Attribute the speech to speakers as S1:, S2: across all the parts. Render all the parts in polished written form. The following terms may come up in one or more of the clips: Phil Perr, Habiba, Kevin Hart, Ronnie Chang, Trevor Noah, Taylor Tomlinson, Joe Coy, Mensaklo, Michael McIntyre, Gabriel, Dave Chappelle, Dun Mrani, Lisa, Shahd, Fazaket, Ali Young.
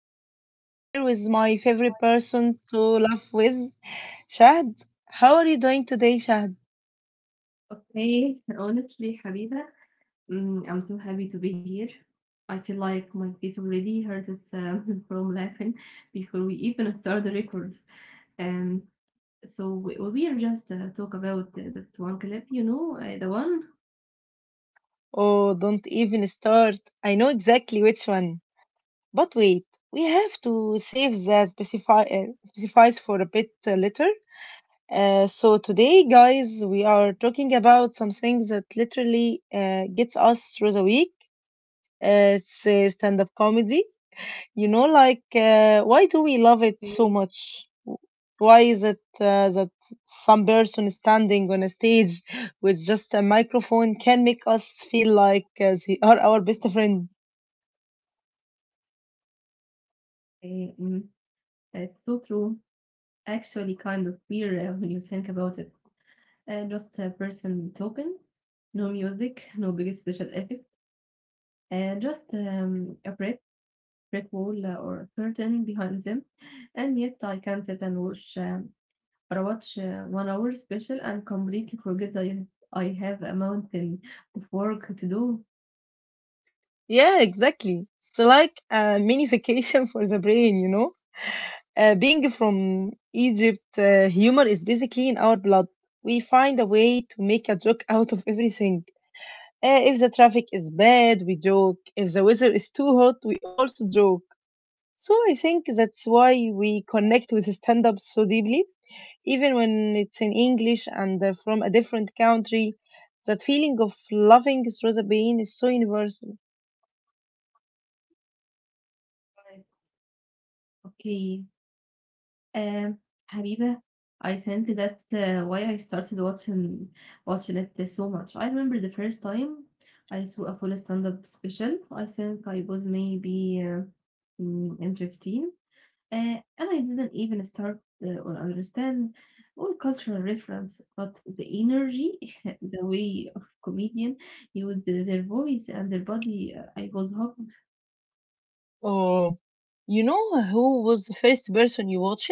S1: and I'm sitting here with my favorite person to love with, Shahd. How are you doing today, Shahd?
S2: Okay, honestly, Habiba, I'm so happy to be here. I feel like my face already hurt us from laughing before we even start the record. Um, well, we are just talk about that one clip, the one.
S1: Oh, don't even start. I know exactly which one. But wait, we have to save the specify specifies for a bit later. So today, guys, we are talking about something that literally gets us through the week. It's stand-up comedy. You know, like,
S2: Okay,
S1: uh, why do we love it so much? Why is it that some person standing on a stage with just a microphone can make us feel like they are our best friend?
S2: okay, it's so true. Actually, kind of weird when you think about it. Just a person talking, no music, no big special effect, and just a breath brick wall or curtain behind them, and yet I can sit and watch or watch 1 hour special and completely forget I have a mountain of work to do.
S1: Yeah, exactly. It's like a mini vacation for the brain, you know? Being from Egypt, humor is basically in our blood. We find a way to make a joke out of everything. If the traffic is bad, we joke. If the weather is too hot, we also joke. So I think that's why we connect with stand up so deeply, even when it's in English and from a different country. That feeling of loving through the pain is so universal.
S2: Right. Okay, um, Habiba, I think that's why I started watching it so much. I remember the first time I saw a full stand-up special. I think I was maybe in 15. And I didn't even start or understand all cultural reference, but the energy, the way of comedian used their voice and their body, I was hooked.
S1: Oh, you know who was the first person you watched?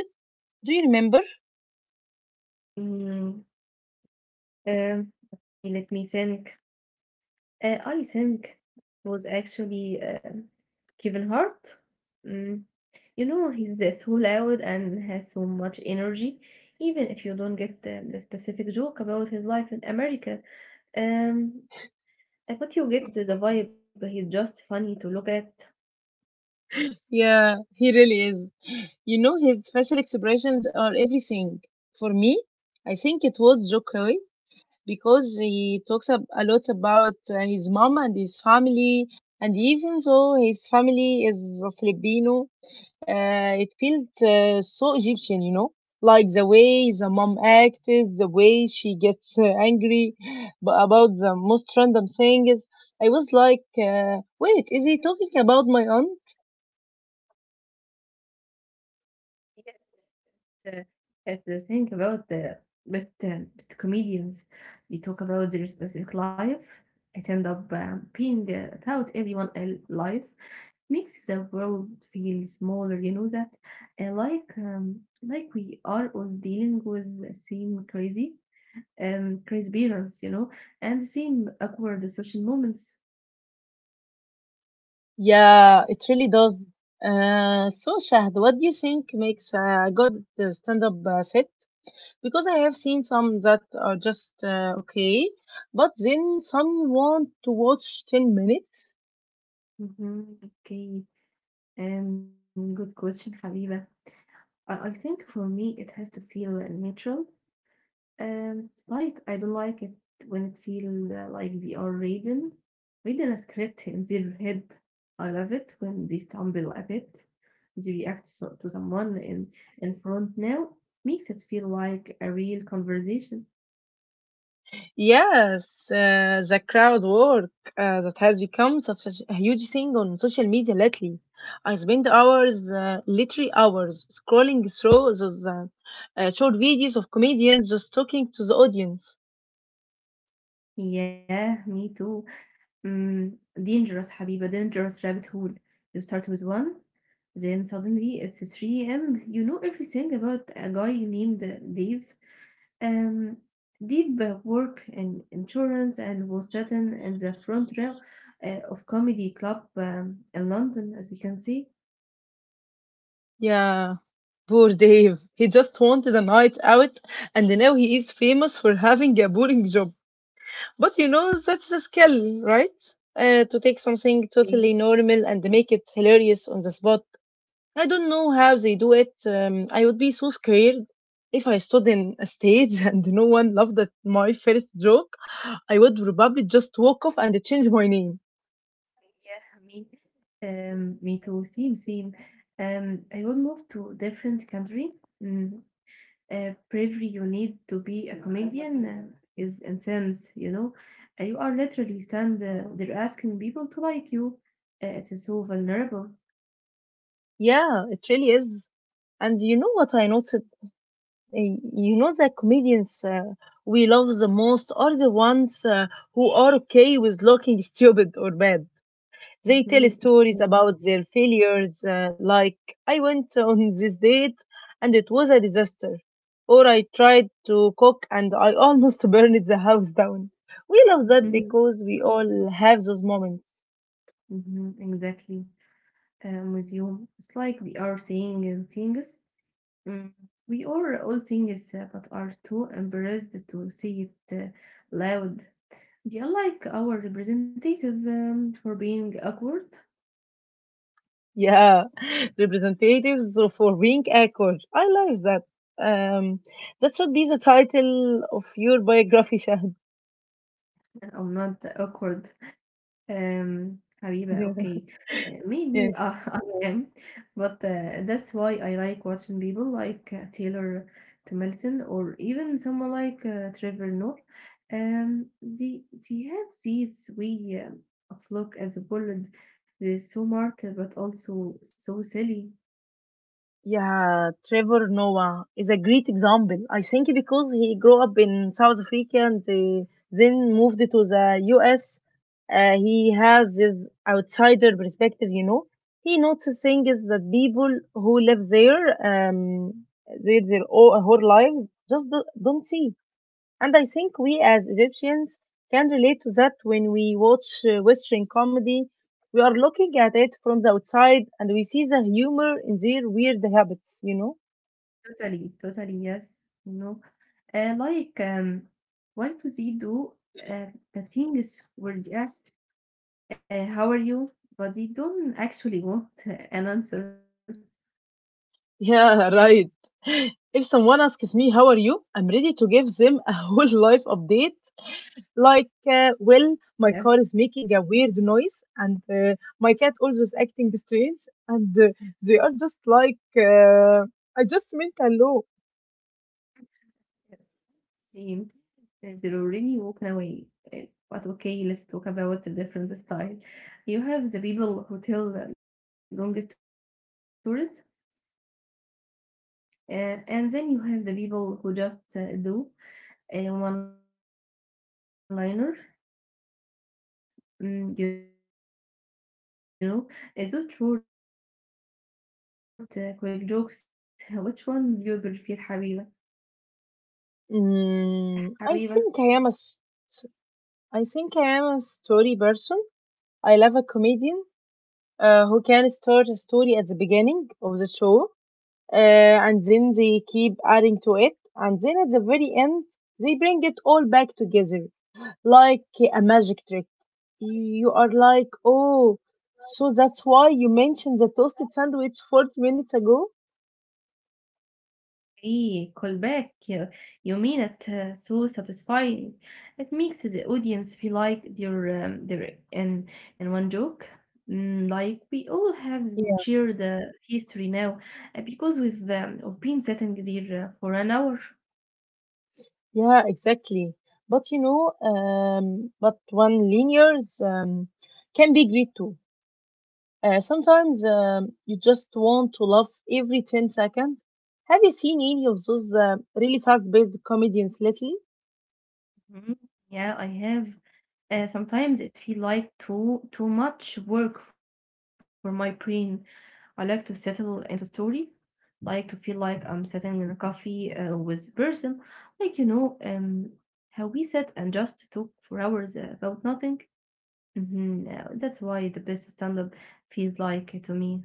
S1: Do you remember?
S2: Mm, um, Let me think. I think it was actually Kevin Hart. Mm, you know, he's so loud and has so much energy, even if you don't get the specific joke about his life in America. Um, I thought you get the vibe. He's just funny to look at.
S1: Yeah, he really is. You know, his facial expressions are everything. For me, I think it was Joe Coy, because he talks a lot about his mom and his family. And even though his family is Filipino, it feels so Egyptian, you know, like the way the mom acts, the way she gets angry about the most random things. I was like, wait, is he talking about my aunt?
S2: Yes, uh, it's the thing about the best comedians. They talk about their specific life. It end up being about everyone else's life. Makes the world feel smaller. You know that, like we are all dealing with the same crazy parents. You know, and the same awkward social moments.
S1: Yeah, it really does. So, Shahd, what do you think makes a good stand-up set? Because I have seen some that are just okay, but then some want to watch 10 minutes.
S2: Okay. Good question, Habiba. I think for me it has to feel natural. Like I don't like it when it feels like they are reading a script in their head. I love it when they stumble a bit, they react so, to someone in front now. Makes it feel like a real conversation.
S1: Yes, the crowd work that has become such a huge thing on social media lately. I spend hours, literally hours, scrolling through those short videos of comedians just talking to the audience.
S2: Yeah, me too. Mm, Dangerous, Habiba, dangerous rabbit hole. You start with one. Then suddenly it's 3 a.m. You know everything about a guy named Dave. Um, deep work and insurance and was sitting in the front row of comedy club in London, as we can see.
S1: Yeah, poor Dave. He just wanted a night out, and now he is famous for having a boring job. But you know, that's the skill, right? To take something
S2: Eh,
S1: totally normal and make it hilarious on the spot. I don't know how they do it. I would be so scared if I stood in a stage and no one laughed at my first joke. I would probably just walk off and change my name.
S2: Yeah, me too. Same, same. I will move to different country. Mm, bravery you need to be a comedian is intense, you know. You are literally stand there asking people to like you. It's so vulnerable.
S1: Yeah, it really is. And you know what I noticed? You know the comedians we love the most are the ones who are okay with looking stupid or bad. They tell
S2: Mm-hmm.
S1: stories
S2: Okay.
S1: about their failures, like I went on this date and it was a disaster, or I tried to cook and I almost burned the house down. We love that
S2: Mm-hmm.
S1: because we all have those moments.
S2: Mm-hmm. Exactly. With you, it's like we are saying things. Mm, We are all things but are too embarrassed to say it loud. They are like our representative for being awkward.
S1: Yeah, representatives for being awkward. I love that. Um, that should be the title of your biography, Shahad.
S2: I'm not awkward. حبيبة okay. Maybe
S1: Yeah.
S2: I am, but that's why I like watching people like Taylor Tomlinson or even someone like Trevor Noah. Um, they, they have this way of look at the world. They're so smart but also so silly.
S1: Yeah, Trevor Noah is a great example. I think because he grew up in South Africa and then moved to the US, he has this outsider perspective, you know. He notices things that people who live there, their whole lives just don't see. And I think we as Egyptians can relate to that when we watch Western comedy. We are looking at it from the outside and we see the humor in their weird habits, you know?
S2: Totally, totally, yes. No, like what do they do, uh, the things where they. How are you? But they don't actually want an answer.
S1: Yeah, right. If someone asks me, how are you? I'm ready to give them a whole life update, like
S2: Yes,
S1: well my car is making a weird noise and my cat also is acting strange and they are just like I just meant hello.
S2: yes, same. They're already walking away. Uh, But okay, let's talk about a different style. You have the people who tell long stories, and then you have the people who just do a one-liner. You know, those short, quick jokes. Which one do you prefer, Habiba? Mhm. Which one you prefer, Habiba?
S1: Mm, I think I am a story person. I love a comedian who can start a story at the beginning of the show and then they keep adding to it, and then at the very end, they bring it all back together like a magic trick. You are like, oh, so that's why you mentioned the toasted sandwich 40 minutes ago?
S2: Hey, call back. You mean it so satisfying. It makes the audience feel like they're in one joke. Like we all have
S1: Yeah.
S2: shared history now because we've been sitting there for an hour.
S1: Yeah, exactly. But you know, but one linears can be great too. Sometimes you just want to laugh every 10 seconds. Have you seen any of those really fast-paced comedians lately?
S2: Mhm. Yeah, I have. Sometimes it feel like too much work for my brain. I like to settle into story like to feel like I'm sitting in a coffee with person, like you know, how we sit and just talk for hours about nothing. Mhm, That's why the best stand-up feels like to me.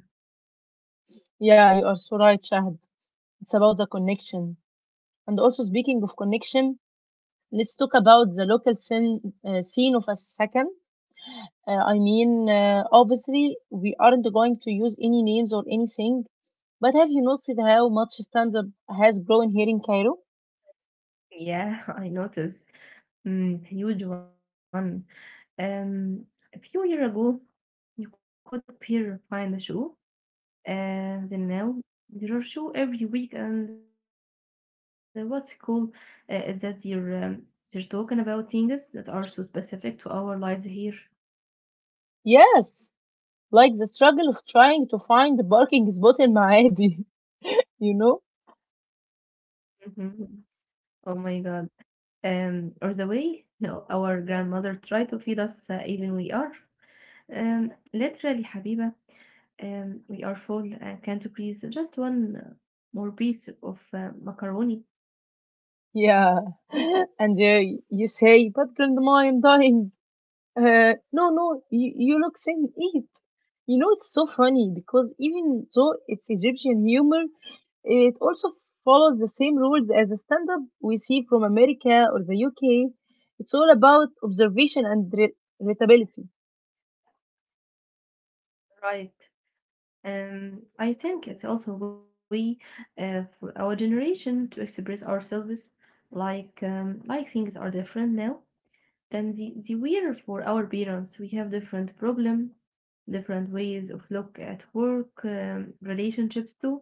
S1: Yeah, you are so right, Shahd. It's about the connection. And also, speaking of connection, let's talk about the local scene, scene of a second. I mean, obviously, we aren't going to use any names or anything, but have you noticed how much stand up has grown here in Cairo?
S2: Yeah, I notice. Huge one. Um, a few years ago, you could pair find a show. Then now there are show every week, and what's cool is that they're talking about things that are so specific to our lives here.
S1: Yes, like the struggle of trying to find a parking spot in Maadi, you know?
S2: Mhm. Oh my god, or the way you our grandmother tried to feed us even we are literally Habiba, we are full and can't please just one more piece of macaroni.
S1: Yeah. And you say, but grandma, I'm dying. No, no, you look saying eat. You know, it's so funny because even though it's Egyptian humor, it also follows the same rules as the stand up we see from America or the UK. It's all about observation and relatability.
S2: Right. I think it's also a way for our generation to express ourselves like things are different now than the were for our parents. We have different problem, different ways of look at work, relationships too.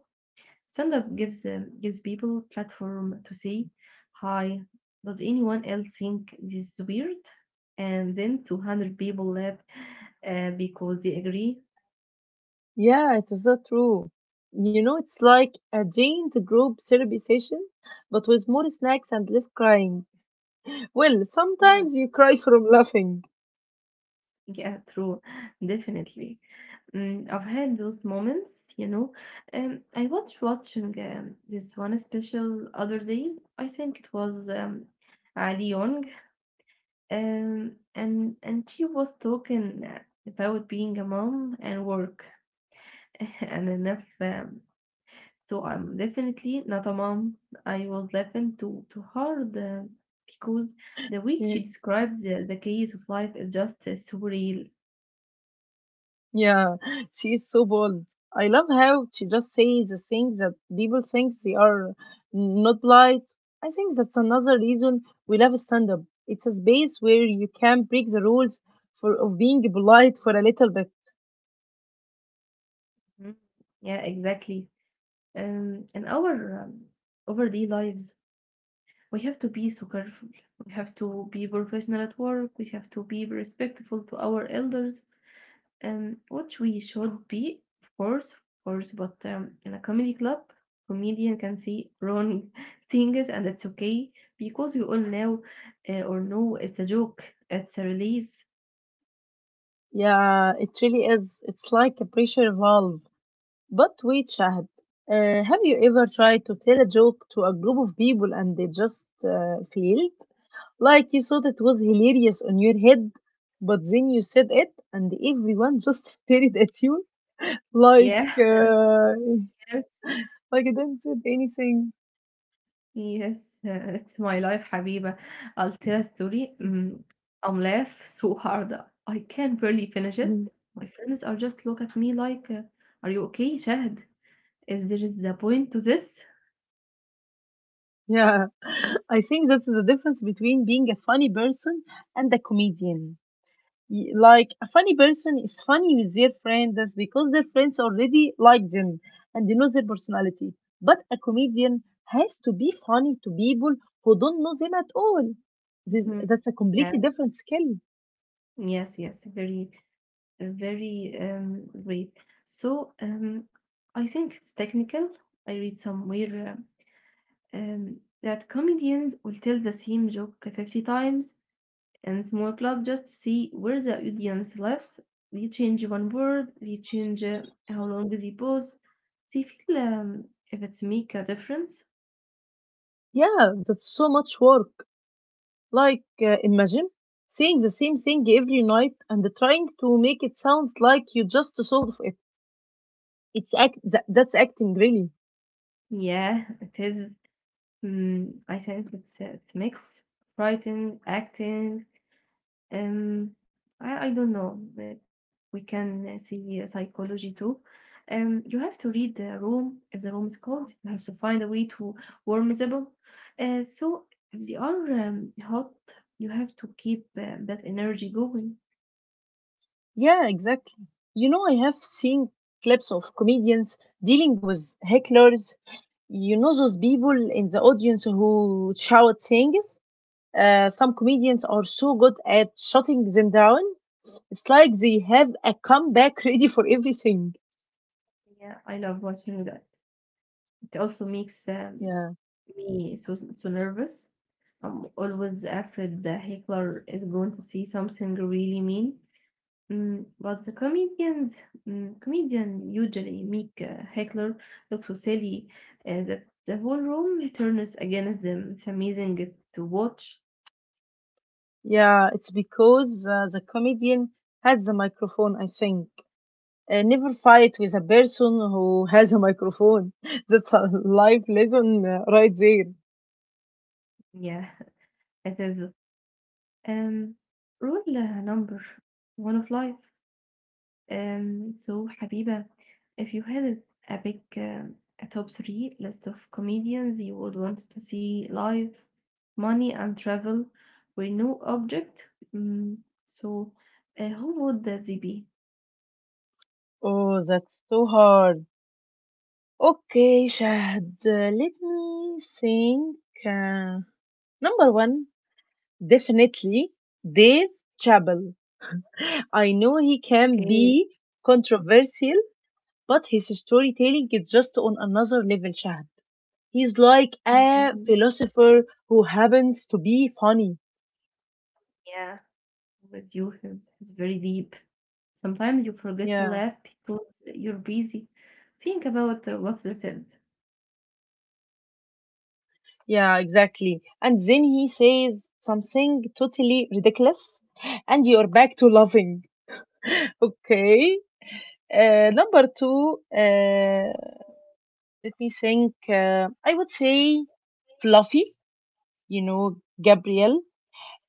S2: Stand up gives people platform to say, "Hi, does anyone else think this is weird?" And then 200 people left because they agree.
S1: Yeah, it is so true. You know, it's like a giant group therapy session, but with more snacks and less crying. Well, sometimes
S2: Yes.
S1: you cry from laughing.
S2: Yeah, true. Definitely. I've had those moments, you know. I was watching this one special other day. I think it was Ali Young. And she was talking about being a mom and work. and enough. So I'm definitely not a mom. I was laughing too hard because the way
S1: Yeah.
S2: she describes the case of life is just surreal.
S1: Yeah, she is so bold. I love how she just says the things that people think they are not polite. I think that's another reason we love stand-up. It's a space where you can break the rules for of being polite for a little bit.
S2: Mm, Yeah, exactly. In our everyday lives, we have to be so careful. We have to be professional at work. We have to be respectful to our elders, which we should be, of course, of course. But in a comedy club, comedian can say wrong things, and it's okay because we all know or know it's a joke. It's a release.
S1: Yeah, it really is. It's like a pressure valve. But wait, Shahad, have you ever tried to tell a joke to a group of people and they just failed? Like you thought it was hilarious on your head, but then you said it and everyone just stared at you like
S2: Yeah.
S1: uh, like I didn't said anything.
S2: Yes, it's my life Habiba. I'll tell a story. I'm laugh so hard. I can barely finish it.
S1: Mhm.
S2: My friends are just look at me like, "Are you okay, Shahd? Is there is a point to this?"
S1: Yeah. I think that's the difference between being a funny person and a comedian. Like a funny person is funny with their friends because their friends already like them and they know their personality. But a comedian has to be funny to people who don't know them at all.
S2: Mhm.
S1: That's a completely
S2: Yes,
S1: different skill.
S2: yes, yes. Very, very great. So I think it's technical. I read somewhere um, um, that comedians will tell the same joke 50 times and small club just see where the audience lives. They change one word, they change how long they pause. They feel if it's make a difference.
S1: Yeah, that's so much work. Like, imagine saying the same thing every night and trying to make it sound like you just thought of it. That's acting, really.
S2: Yeah, it is. I think it's it's mix, writing, acting. Um, I don't know. Like we can see psychology too. You have to read the room. If the room is cold, you have to find a way to warm the ball. So if they are hot, you have to keep that energy going.
S1: Yeah, exactly. You know, I have seen clips of comedians dealing with hecklers. You know, those people in the audience who shout things. Some comedians are so good at shutting them down. It's like they have a comeback ready for everything.
S2: Yeah, I love watching that. It also makes
S1: Yeah,
S2: me so nervous. I'm always afraid the heckler is going to see something really mean. But the comedian usually make heckler look so silly that the whole room turns against them. It's amazing to watch.
S1: yeah. It's because the comedian has the microphone. I think. Never fight with a person who has a microphone. That's a life lesson right there.
S2: Yeah, it is. Um, rule number one of life. So, Habiba, if you had a big a top three list of comedians you would want to see live, money and travel were no object, mm, so who would that be?
S1: Oh, that's so hard. Okay, Shahd, let me think. Uh, number one, definitely Dave Chappelle. I know he
S2: Okay.
S1: can be controversial, but his storytelling is just on another level, Shahd. He's like
S2: Mhm.
S1: a philosopher who happens to be funny.
S2: Yeah, with you is very deep. Sometimes you forget to
S1: Yeah,
S2: laugh because you're busy. Think about what's said.
S1: yeah, exactly. And then he says something totally ridiculous, and you're back to laughing. Okay, number two, let me think. I would say Fluffy, you know, Gabriel.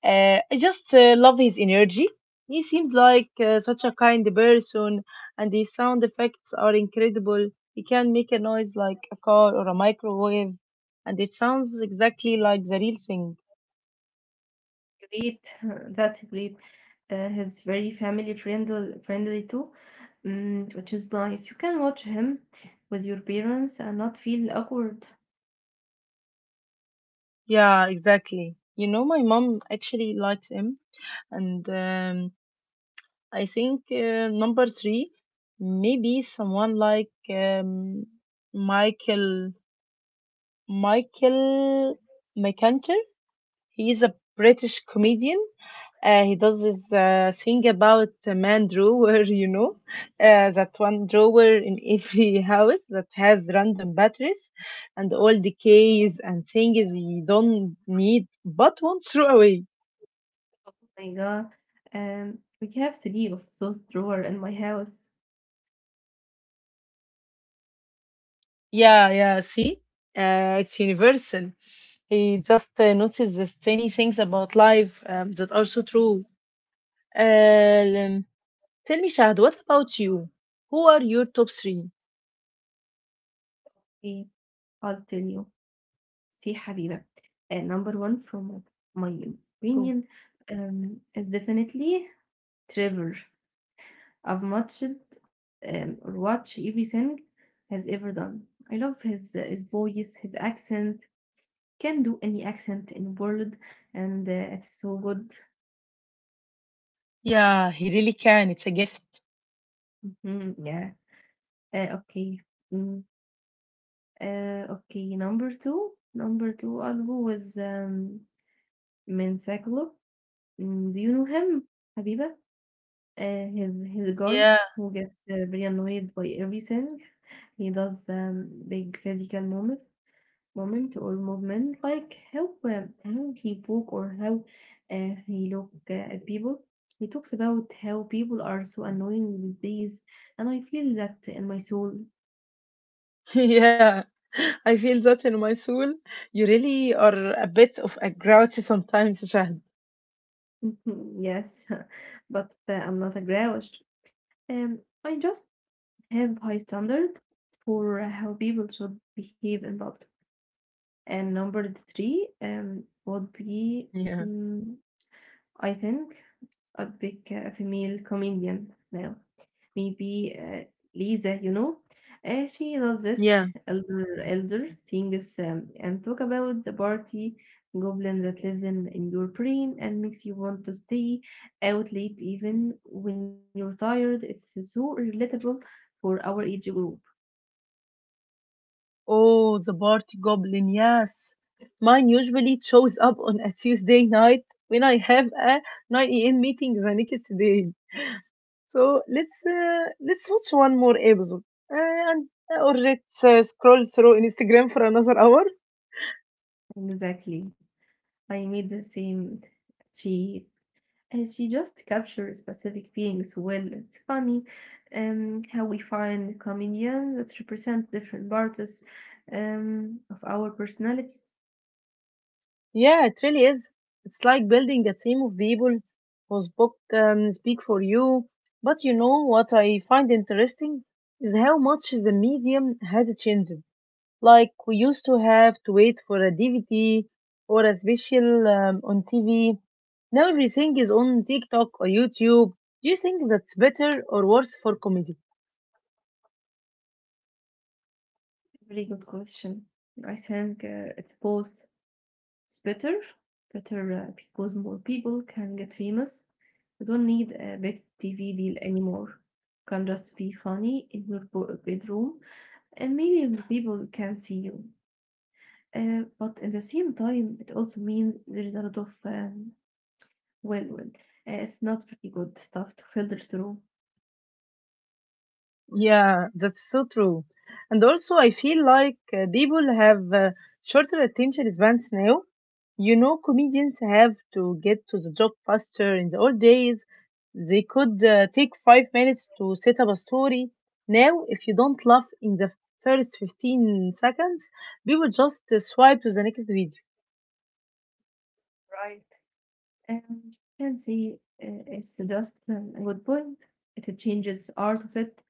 S1: I just love his energy. He seems like such a kind person, and his sound effects are incredible. He can make a noise like a car or a microwave, and it sounds exactly like the real thing.
S2: Great, that's great. He's very family friendly too, mm, which is nice. You can watch him with your parents and not feel awkward.
S1: Yeah, exactly. You know, my mom actually likes him, and I think number three, maybe someone like Michael Michael McIntyre. He is a British comedian. He does this thing about a man drawer, you know, that one drawer in every house that has random batteries and all decays and things you don't need but won't throw away.
S2: Oh my God. We have three of those drawer in my house.
S1: Yeah, yeah, see? It's universal. He just notices tiny things about life that are so true. Uh, um, tell me, Shahad, what about you? Who are your top three?
S2: Okay, I'll tell you. See, Habiba. Number one, from my
S1: Go.
S2: opinion, is definitely Trevor. I've watched or watch everything has ever done. I love his his voice, his accent. Can do any accent in world, and it's so good.
S1: Yeah, he really can. It's a gift.
S2: Mhm, yeah. Okay. Mm, okay. Number two. Number two. I'll go with Mensaklo. Do you know him, Habiba? His guy
S1: Yeah,
S2: who gets very annoyed by everything. He does big physical moments moment or movement, like how he walk or how he look at people. He talks about how people are so annoying these days, and I feel that in my soul.
S1: yeah. I feel that in my soul. You really are a bit of a grouchy sometimes, Shahad.
S2: yes, but I'm not a grouch. I just have high standard for how people should behave in public. And number three would be,
S1: Yeah.
S2: mm I think, a big female comedian now. Maybe Lisa, you know, she does this elder things, and talk about the party goblin that lives in your brain and makes you want to stay out late even when you're tired. It's so relatable for our age group.
S1: Oh, the party goblin, yes. Mine usually shows up on a Tuesday night when I have a 9 a.m. meeting the next day. So let's watch one more episode uh, and or let's scroll through Instagram for another hour.
S2: Exactly. I made the same cheat. And she just captures specific feelings well. It's funny, how we find comedians that represent different parts, of our personalities.
S1: Yeah, it really is. It's like building a team of people who speak for you. But you know what I find interesting is how much the medium had changed. Like we used to have to wait for a DVD or a special on TV. Now everything is on TikTok or YouTube. Do you think that's better or worse for comedy?
S2: Very good question. I think it's both. It's better, better because more people can get famous. You don't need a big TV deal anymore. You can just be funny in your bedroom, and millions of people can see you. But at the same time, it also means there is a lot of well, well, it's not very good stuff to filter through.
S1: Yeah, that's so true. And also, I feel like people have shorter attention spans now. You know, comedians have to get to the job faster. In the old days, they could take 5 minutes to set up a story. Now, if you don't laugh in the first 15 seconds, people just swipe to the next video.
S2: Right. Um, can see, it's just a good point. It changes art of it.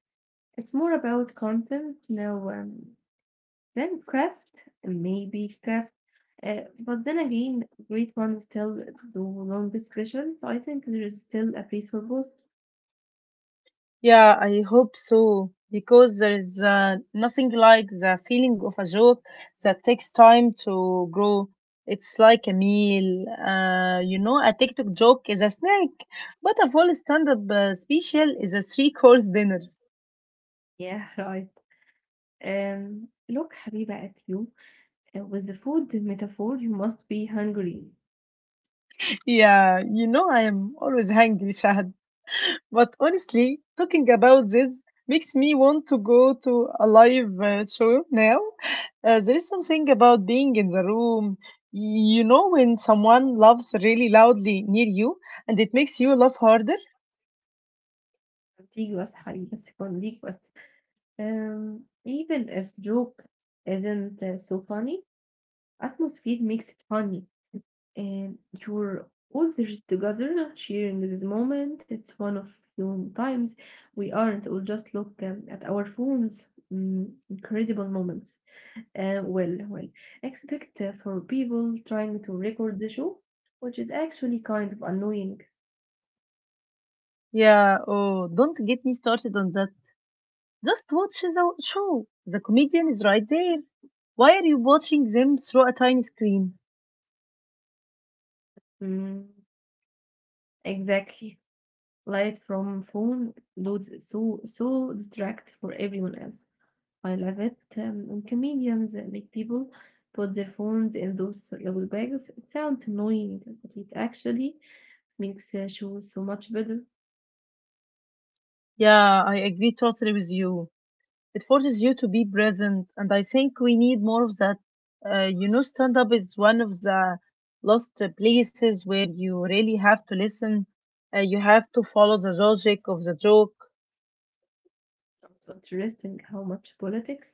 S2: It's more about content now, than craft, maybe craft. But then again, great ones still do long discussion, so I think there is still a place for both.
S1: Yeah, I hope so. Because there is nothing like the feeling of a joke that takes time to grow. It's like a meal. A TikTok joke is a snack, but a full stand-up special is a three-course dinner.
S2: Yeah, right. Look, حبيبة, at you. With the food metaphor, you must be hungry.
S1: Yeah, you know, I am always hungry, Shahad. But honestly, talking about this makes me want to go to a live show now. There is something about being in the room. You know, when someone laughs really loudly near you and it makes you laugh harder?
S2: Contiguous حقيقي بس contiguous. Even if joke isn't so funny, atmosphere makes it funny. And you're all there together sharing this moment. It's one of few times we aren't all just look, at our phones. Mm, incredible moments. Uh, well, well, expect for people trying to record the show, which is actually kind of annoying.
S1: Yeah, oh, don't get me started on that. Just watch the show. The comedian is right there. Why are you watching them through a tiny screen?
S2: Mm. Exactly. Light from phone loads so so distract for everyone else. I love it. When comedians make people put their phones in those little bags. It sounds annoying, but it actually makes shows so much better.
S1: Yeah, I agree totally with you. It forces you to be present, and I think we need more of that. Stand up is one of the last places where you really have to listen. You have to follow the logic of the joke.
S2: It's interesting how much politics,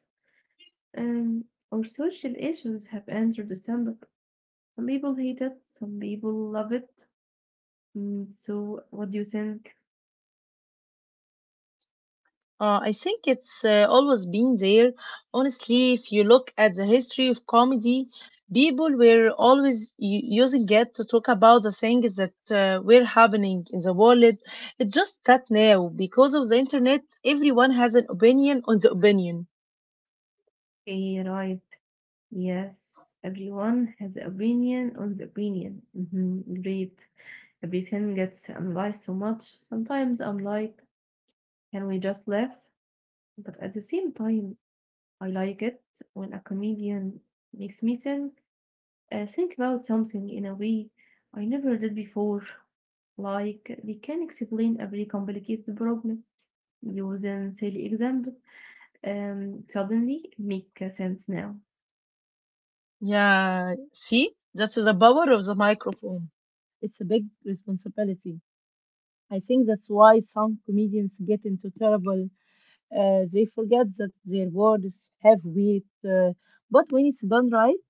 S2: um, or social issues have entered the stand-up. Some people hate it, some people love it. Mm, so, what do you think?
S1: I think it's always been there. Honestly, if you look at the history of comedy, people were always using it to talk about the things that were happening in the world. It's just that now, because of the internet, everyone has an opinion on the opinion.
S2: Okay, right. Yes, everyone has opinion on the opinion. Mhm, agreed. Everything gets analyzed so much. Sometimes I'm like, can we just laugh? But at the same time, I like it when a comedian makes me think about something in a way I never did before. Like they can explain a very complicated problem using silly example, and suddenly it make sense now.
S1: Yeah, see, that's the power of the microphone. It's a big responsibility. I think that's why some comedians get into trouble. They forget that their words have weight. But when it's done right,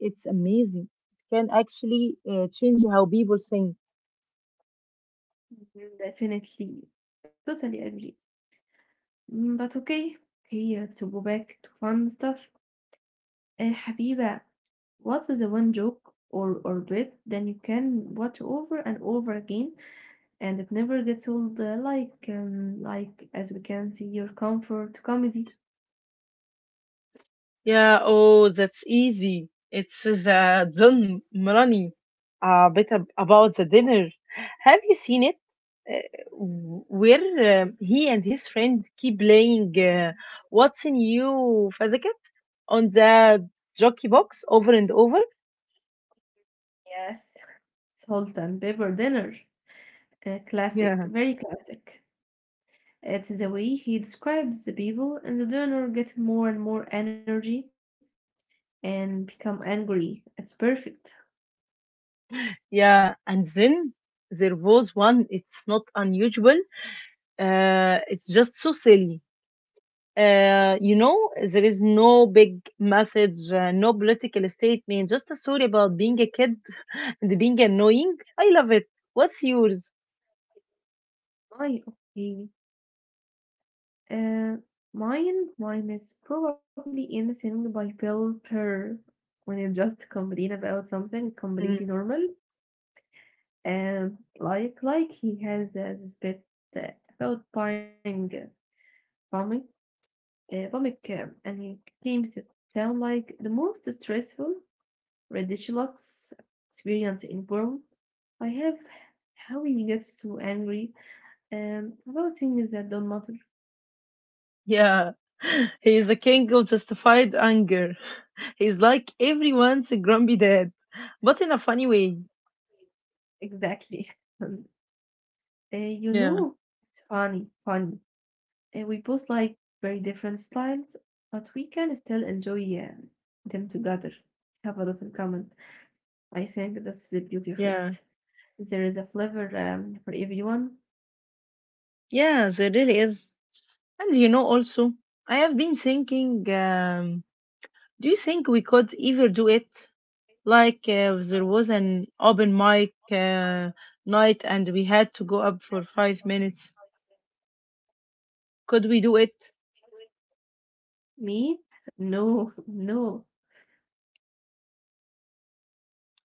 S1: it's amazing. It can actually change how people think.
S2: Mhm, definitely, totally agree. Mm, but okay, okay, to go back to fun stuff. Habiba, what is the one joke or bit then you can watch over and over again and it never gets old, like as we can see your comfort comedy.
S1: Yeah, oh, that's easy. It's the Dun Mrani, a bit about the dinner. Have you seen it? Uh, where he and his friend keep playing What's in You, Fazaket, on the jockey box over and over?
S2: Yes. Salt and pepper dinner. A classic,
S1: Yeah.
S2: very classic. It's the way he describes the people and the dinner get more and more energy and become angry. It's perfect.
S1: Yeah, and then there was one, it's not unusual, it's just so silly. There is no big message, no political statement, just a story about being a kid and being annoying. I love it. What's yours?
S2: My okay. Uh, mine is probably anything by Phil Perr when you just complain about something completely
S1: Mm,
S2: normal. And like he has this bit, uh, about buying comic, comic, and he claims it sound like the most stressful, ridiculous experience in world. I have how he gets so angry, about things that don't matter.
S1: yeah, he is a king of justified anger. He's like everyone's grumpy dad, but in a funny way.
S2: Exactly. You
S1: Yeah,
S2: know, it's funny. We both like very different styles, but we can still enjoy them together. Have a lot in common. I think that's the beauty of
S1: yeah,
S2: it. There is a flavor, for everyone.
S1: yeah, there really is. And you know, also, I have been thinking, do you think we could ever do it? Like there was an open mic night and we had to go up for 5 minutes. Could we do it?
S2: Me? No, no.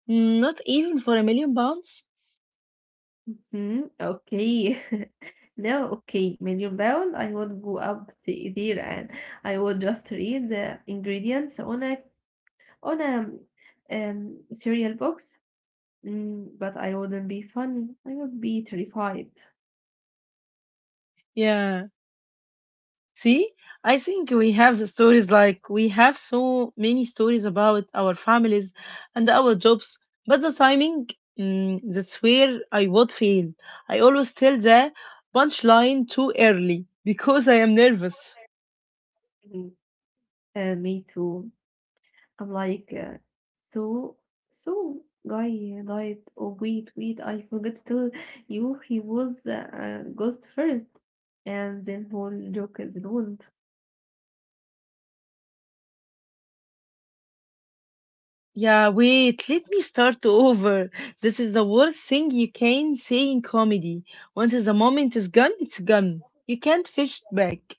S1: Mm, not even for £1 million?
S2: Mhm, okay. Now, okay, £1,000,000. I would go up there and I would just read the ingredients on a cereal box. Mm, but I wouldn't be funny. I would be terrified.
S1: Yeah. See, I think we have the stories like we have so many stories about our families and our jobs, but the timing, mm, that's where I would fail. I always tell the punchline too early because I am nervous.
S2: Mhm. Me too. I'm like, so so guy died. Oh I forgot to tell you he was a ghost first, and then whole joke is ruined.
S1: Yeah, wait, let me start over. This is the worst thing you can say in comedy. Once the moment is gone, it's gone. You can't fish it back.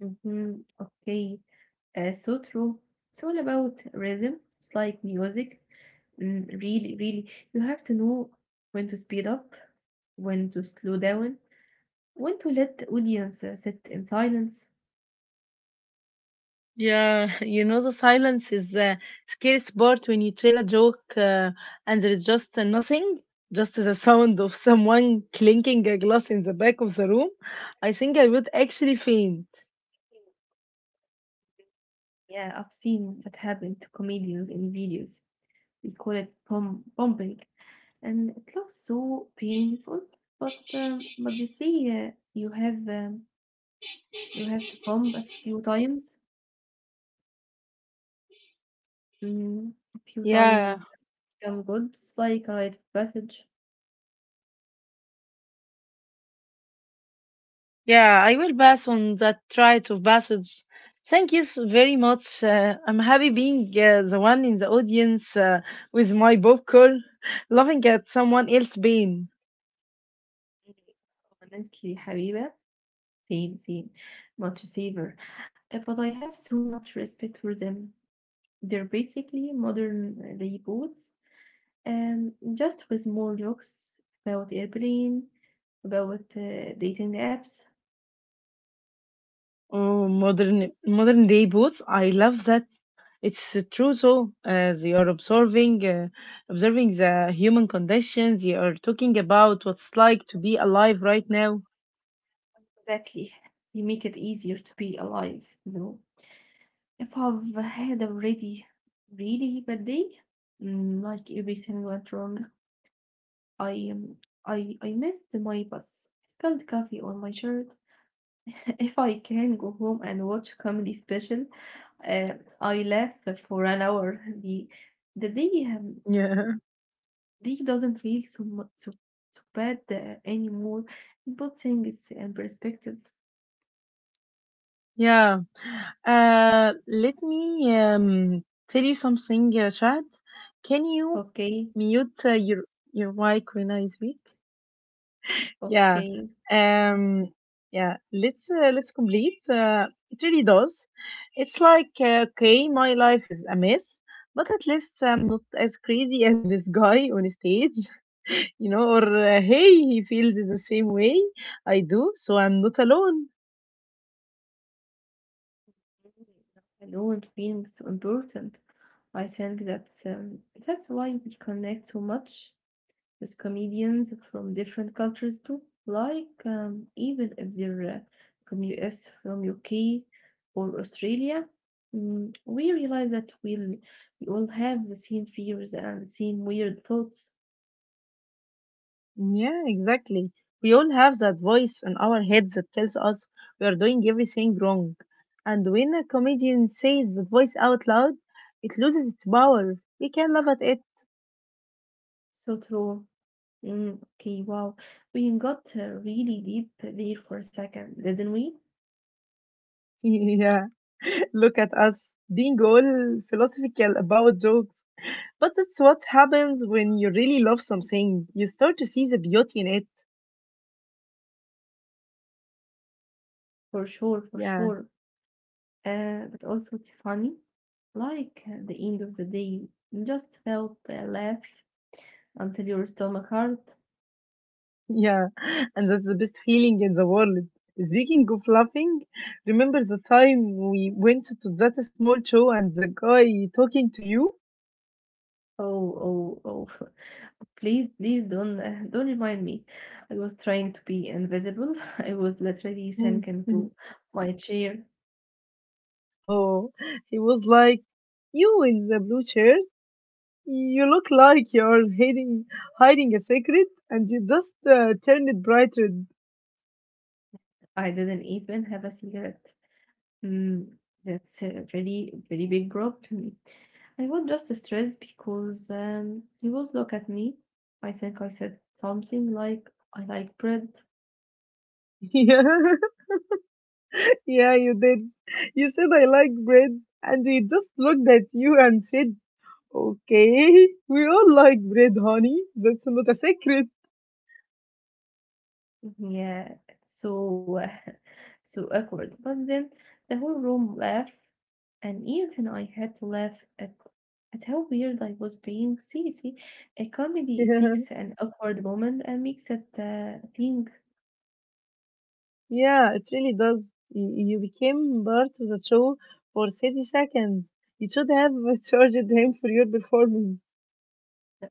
S2: Mhm, okay, so true. It's all about rhythm. It's like music. Mm, you have to know when to speed up, when to slow down, when to let the audience sit in silence.
S1: Yeah, you know the silence is the scariest part when you tell a joke and there's just nothing, just the sound of someone clinking a glass in the back of the room. I think I would actually faint.
S2: Yeah, I've seen that happen to comedians in videos. We call it pumping, and it looks so painful. But but they say uh, you have um, you have to pump a few times. Mm, a few
S1: Yeah,
S2: times it can good. It's like a rite of passage.
S1: yeah, I will pass on that try to passage. Thank you very much. I'm happy being the one in the audience with my popcorn, laughing at someone else's pain.
S2: Honestly, Habiba, same, same, much safer. But I have so much respect for them. They're basically modern reboots, and just with more jokes about airplane, about dating apps.
S1: Oh, modern day boots. I love that. It's true. So they are observing, observing the human condition. They are talking about what's like to be alive right now.
S2: Exactly, they make it easier to be alive. You know, if I've had a really bad day, mm, like everything went wrong. I um, I missed my bus. I spilled coffee on my shirt. If I can go home and watch comedy special, uh, I laugh for an hour. The
S1: Yeah.
S2: day doesn't feel so so bad anymore. It put things in perspective.
S1: Yeah. Let me tell you something, Chad. Can you
S2: Okay,
S1: mute your mic when I speak? Yeah.
S2: okay.
S1: Um, yeah. Let's complete. It really does. It's like okay, my life is a mess, but at least I'm not as crazy as this guy on stage, you know. Or hey, he feels the same way I do, so I'm not alone.
S2: I don't feel so important. I think that's, that's why we connect so much with comedians from different cultures too, like, even if they're from US, from UK, or Australia. Mm, we realize that we'll, we all have the same fears and same weird thoughts.
S1: Yeah, exactly. We all have that voice in our heads that tells us we are doing everything wrong. And when a comedian says that voice out loud, it loses its power. We can laugh at it.
S2: So true. Mm, okay, wow. We got really deep there for a second, didn't we?
S1: Yeah, look at us being all philosophical about jokes. But that's what happens when you really love something. You start to see the beauty in it.
S2: For sure, for
S1: Yeah.
S2: sure. But also, it's funny. Like at the end of the day, you just felt a laugh until your stomach hurt.
S1: Yeah, and that's the best feeling in the world. Speaking of laughing, remember the time we went to that small show and the guy talking to you?
S2: Oh, oh, oh. Please don't don't remind me. I was trying to be invisible. I was literally
S1: Mm.
S2: sunk into my chair.
S1: Oh, he was like, "You in the blue shirt, you look like you're hiding a secret, and you just turned it bright red."
S2: I didn't even have a cigarette. Mm, that's a really very big problem. I was just stressed because, he was look at me. I think I said something like, "I like bread."
S1: Yeah, yeah, you did. You said I like bread, and he just looked at you and said, okay, we all like bread, honey. That's not a secret.
S2: Yeah, it's so so awkward. But then the whole room laughed, and even I had to laugh at how weird I was being. A comedy it takes an awkward moment and makes it thing
S1: Yeah, it really does. You became part of the show for 30 seconds. You should have charged him for your performance.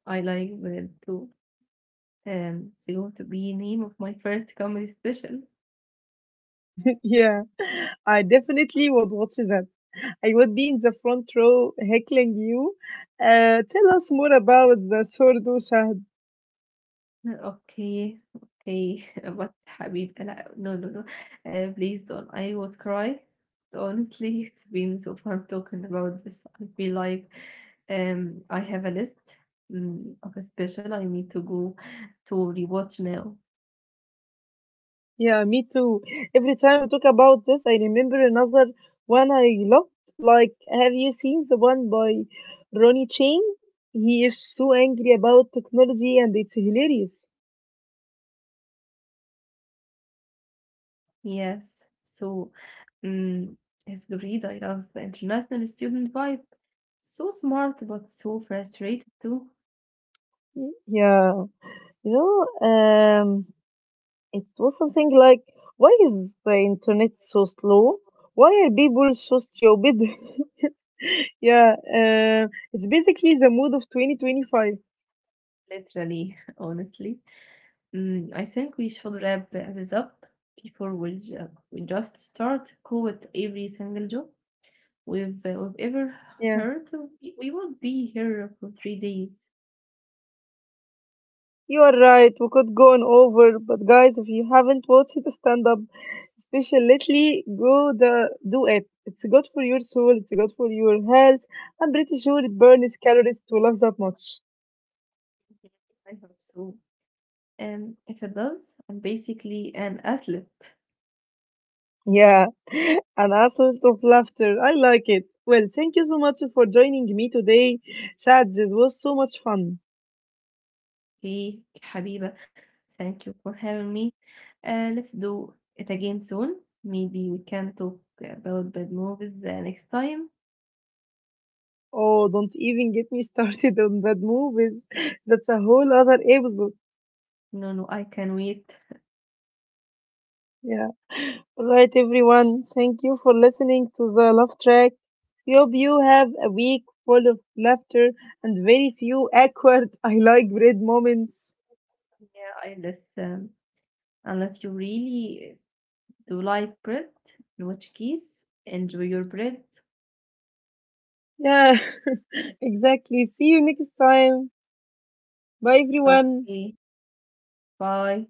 S2: I like with it too. It's going to be name of my first comedy special.
S1: Yeah, I definitely would watch that. I would be in the front row heckling you. Tell us more about the Sordo Shah.
S2: No, okay, okay. But حبيب لا no please don't I would cry. Honestly, it's been so fun talking about this. I feel like I have a list, mm, of a special I need to go to rewatch now.
S1: Yeah, me too. Every time we talk about this, I remember another one I loved. Like, have you seen the one by Ronnie Chang? He is so angry about technology and it's hilarious.
S2: Yes. So um it's great. I love the international student vibe. So smart but so frustrated too.
S1: Yeah, you know, it was something like, why is the internet so slow? Why are people so stupid? Yeah, it's basically the mood of 2025.
S2: Literally, honestly. Mm, I think we should wrap this up before we just start quote every single job we've ever
S1: Yeah.
S2: heard. We will be here for 3 days.
S1: You are right. We could go on over, but guys, if you haven't watched it, stand up. Definitely go the do it. It's good for your soul. It's good for your health. I'm pretty sure it burns calories to laugh that much.
S2: I hope so. If it does, I'm basically an athlete.
S1: Yeah, an assault of laughter. I like it. Well, thank you so much for joining me today, Chad. This was so much fun.
S2: Okay, حبيبة, thank you for having me. Let's do it again soon. Maybe we can talk about bad movies next time.
S1: Oh, don't even get me started on that movies. That's a whole other episode.
S2: No, no, I can wait.
S1: Yeah. Right, everyone. Thank you for listening to the Love Track. We hope you have a week full of laughter and very few awkward I like bread moments.
S2: Yeah, I listen. Unless you really do like bread, in which case, enjoy your bread.
S1: Yeah, exactly. See you next time. Bye, everyone.
S2: Okay, bye.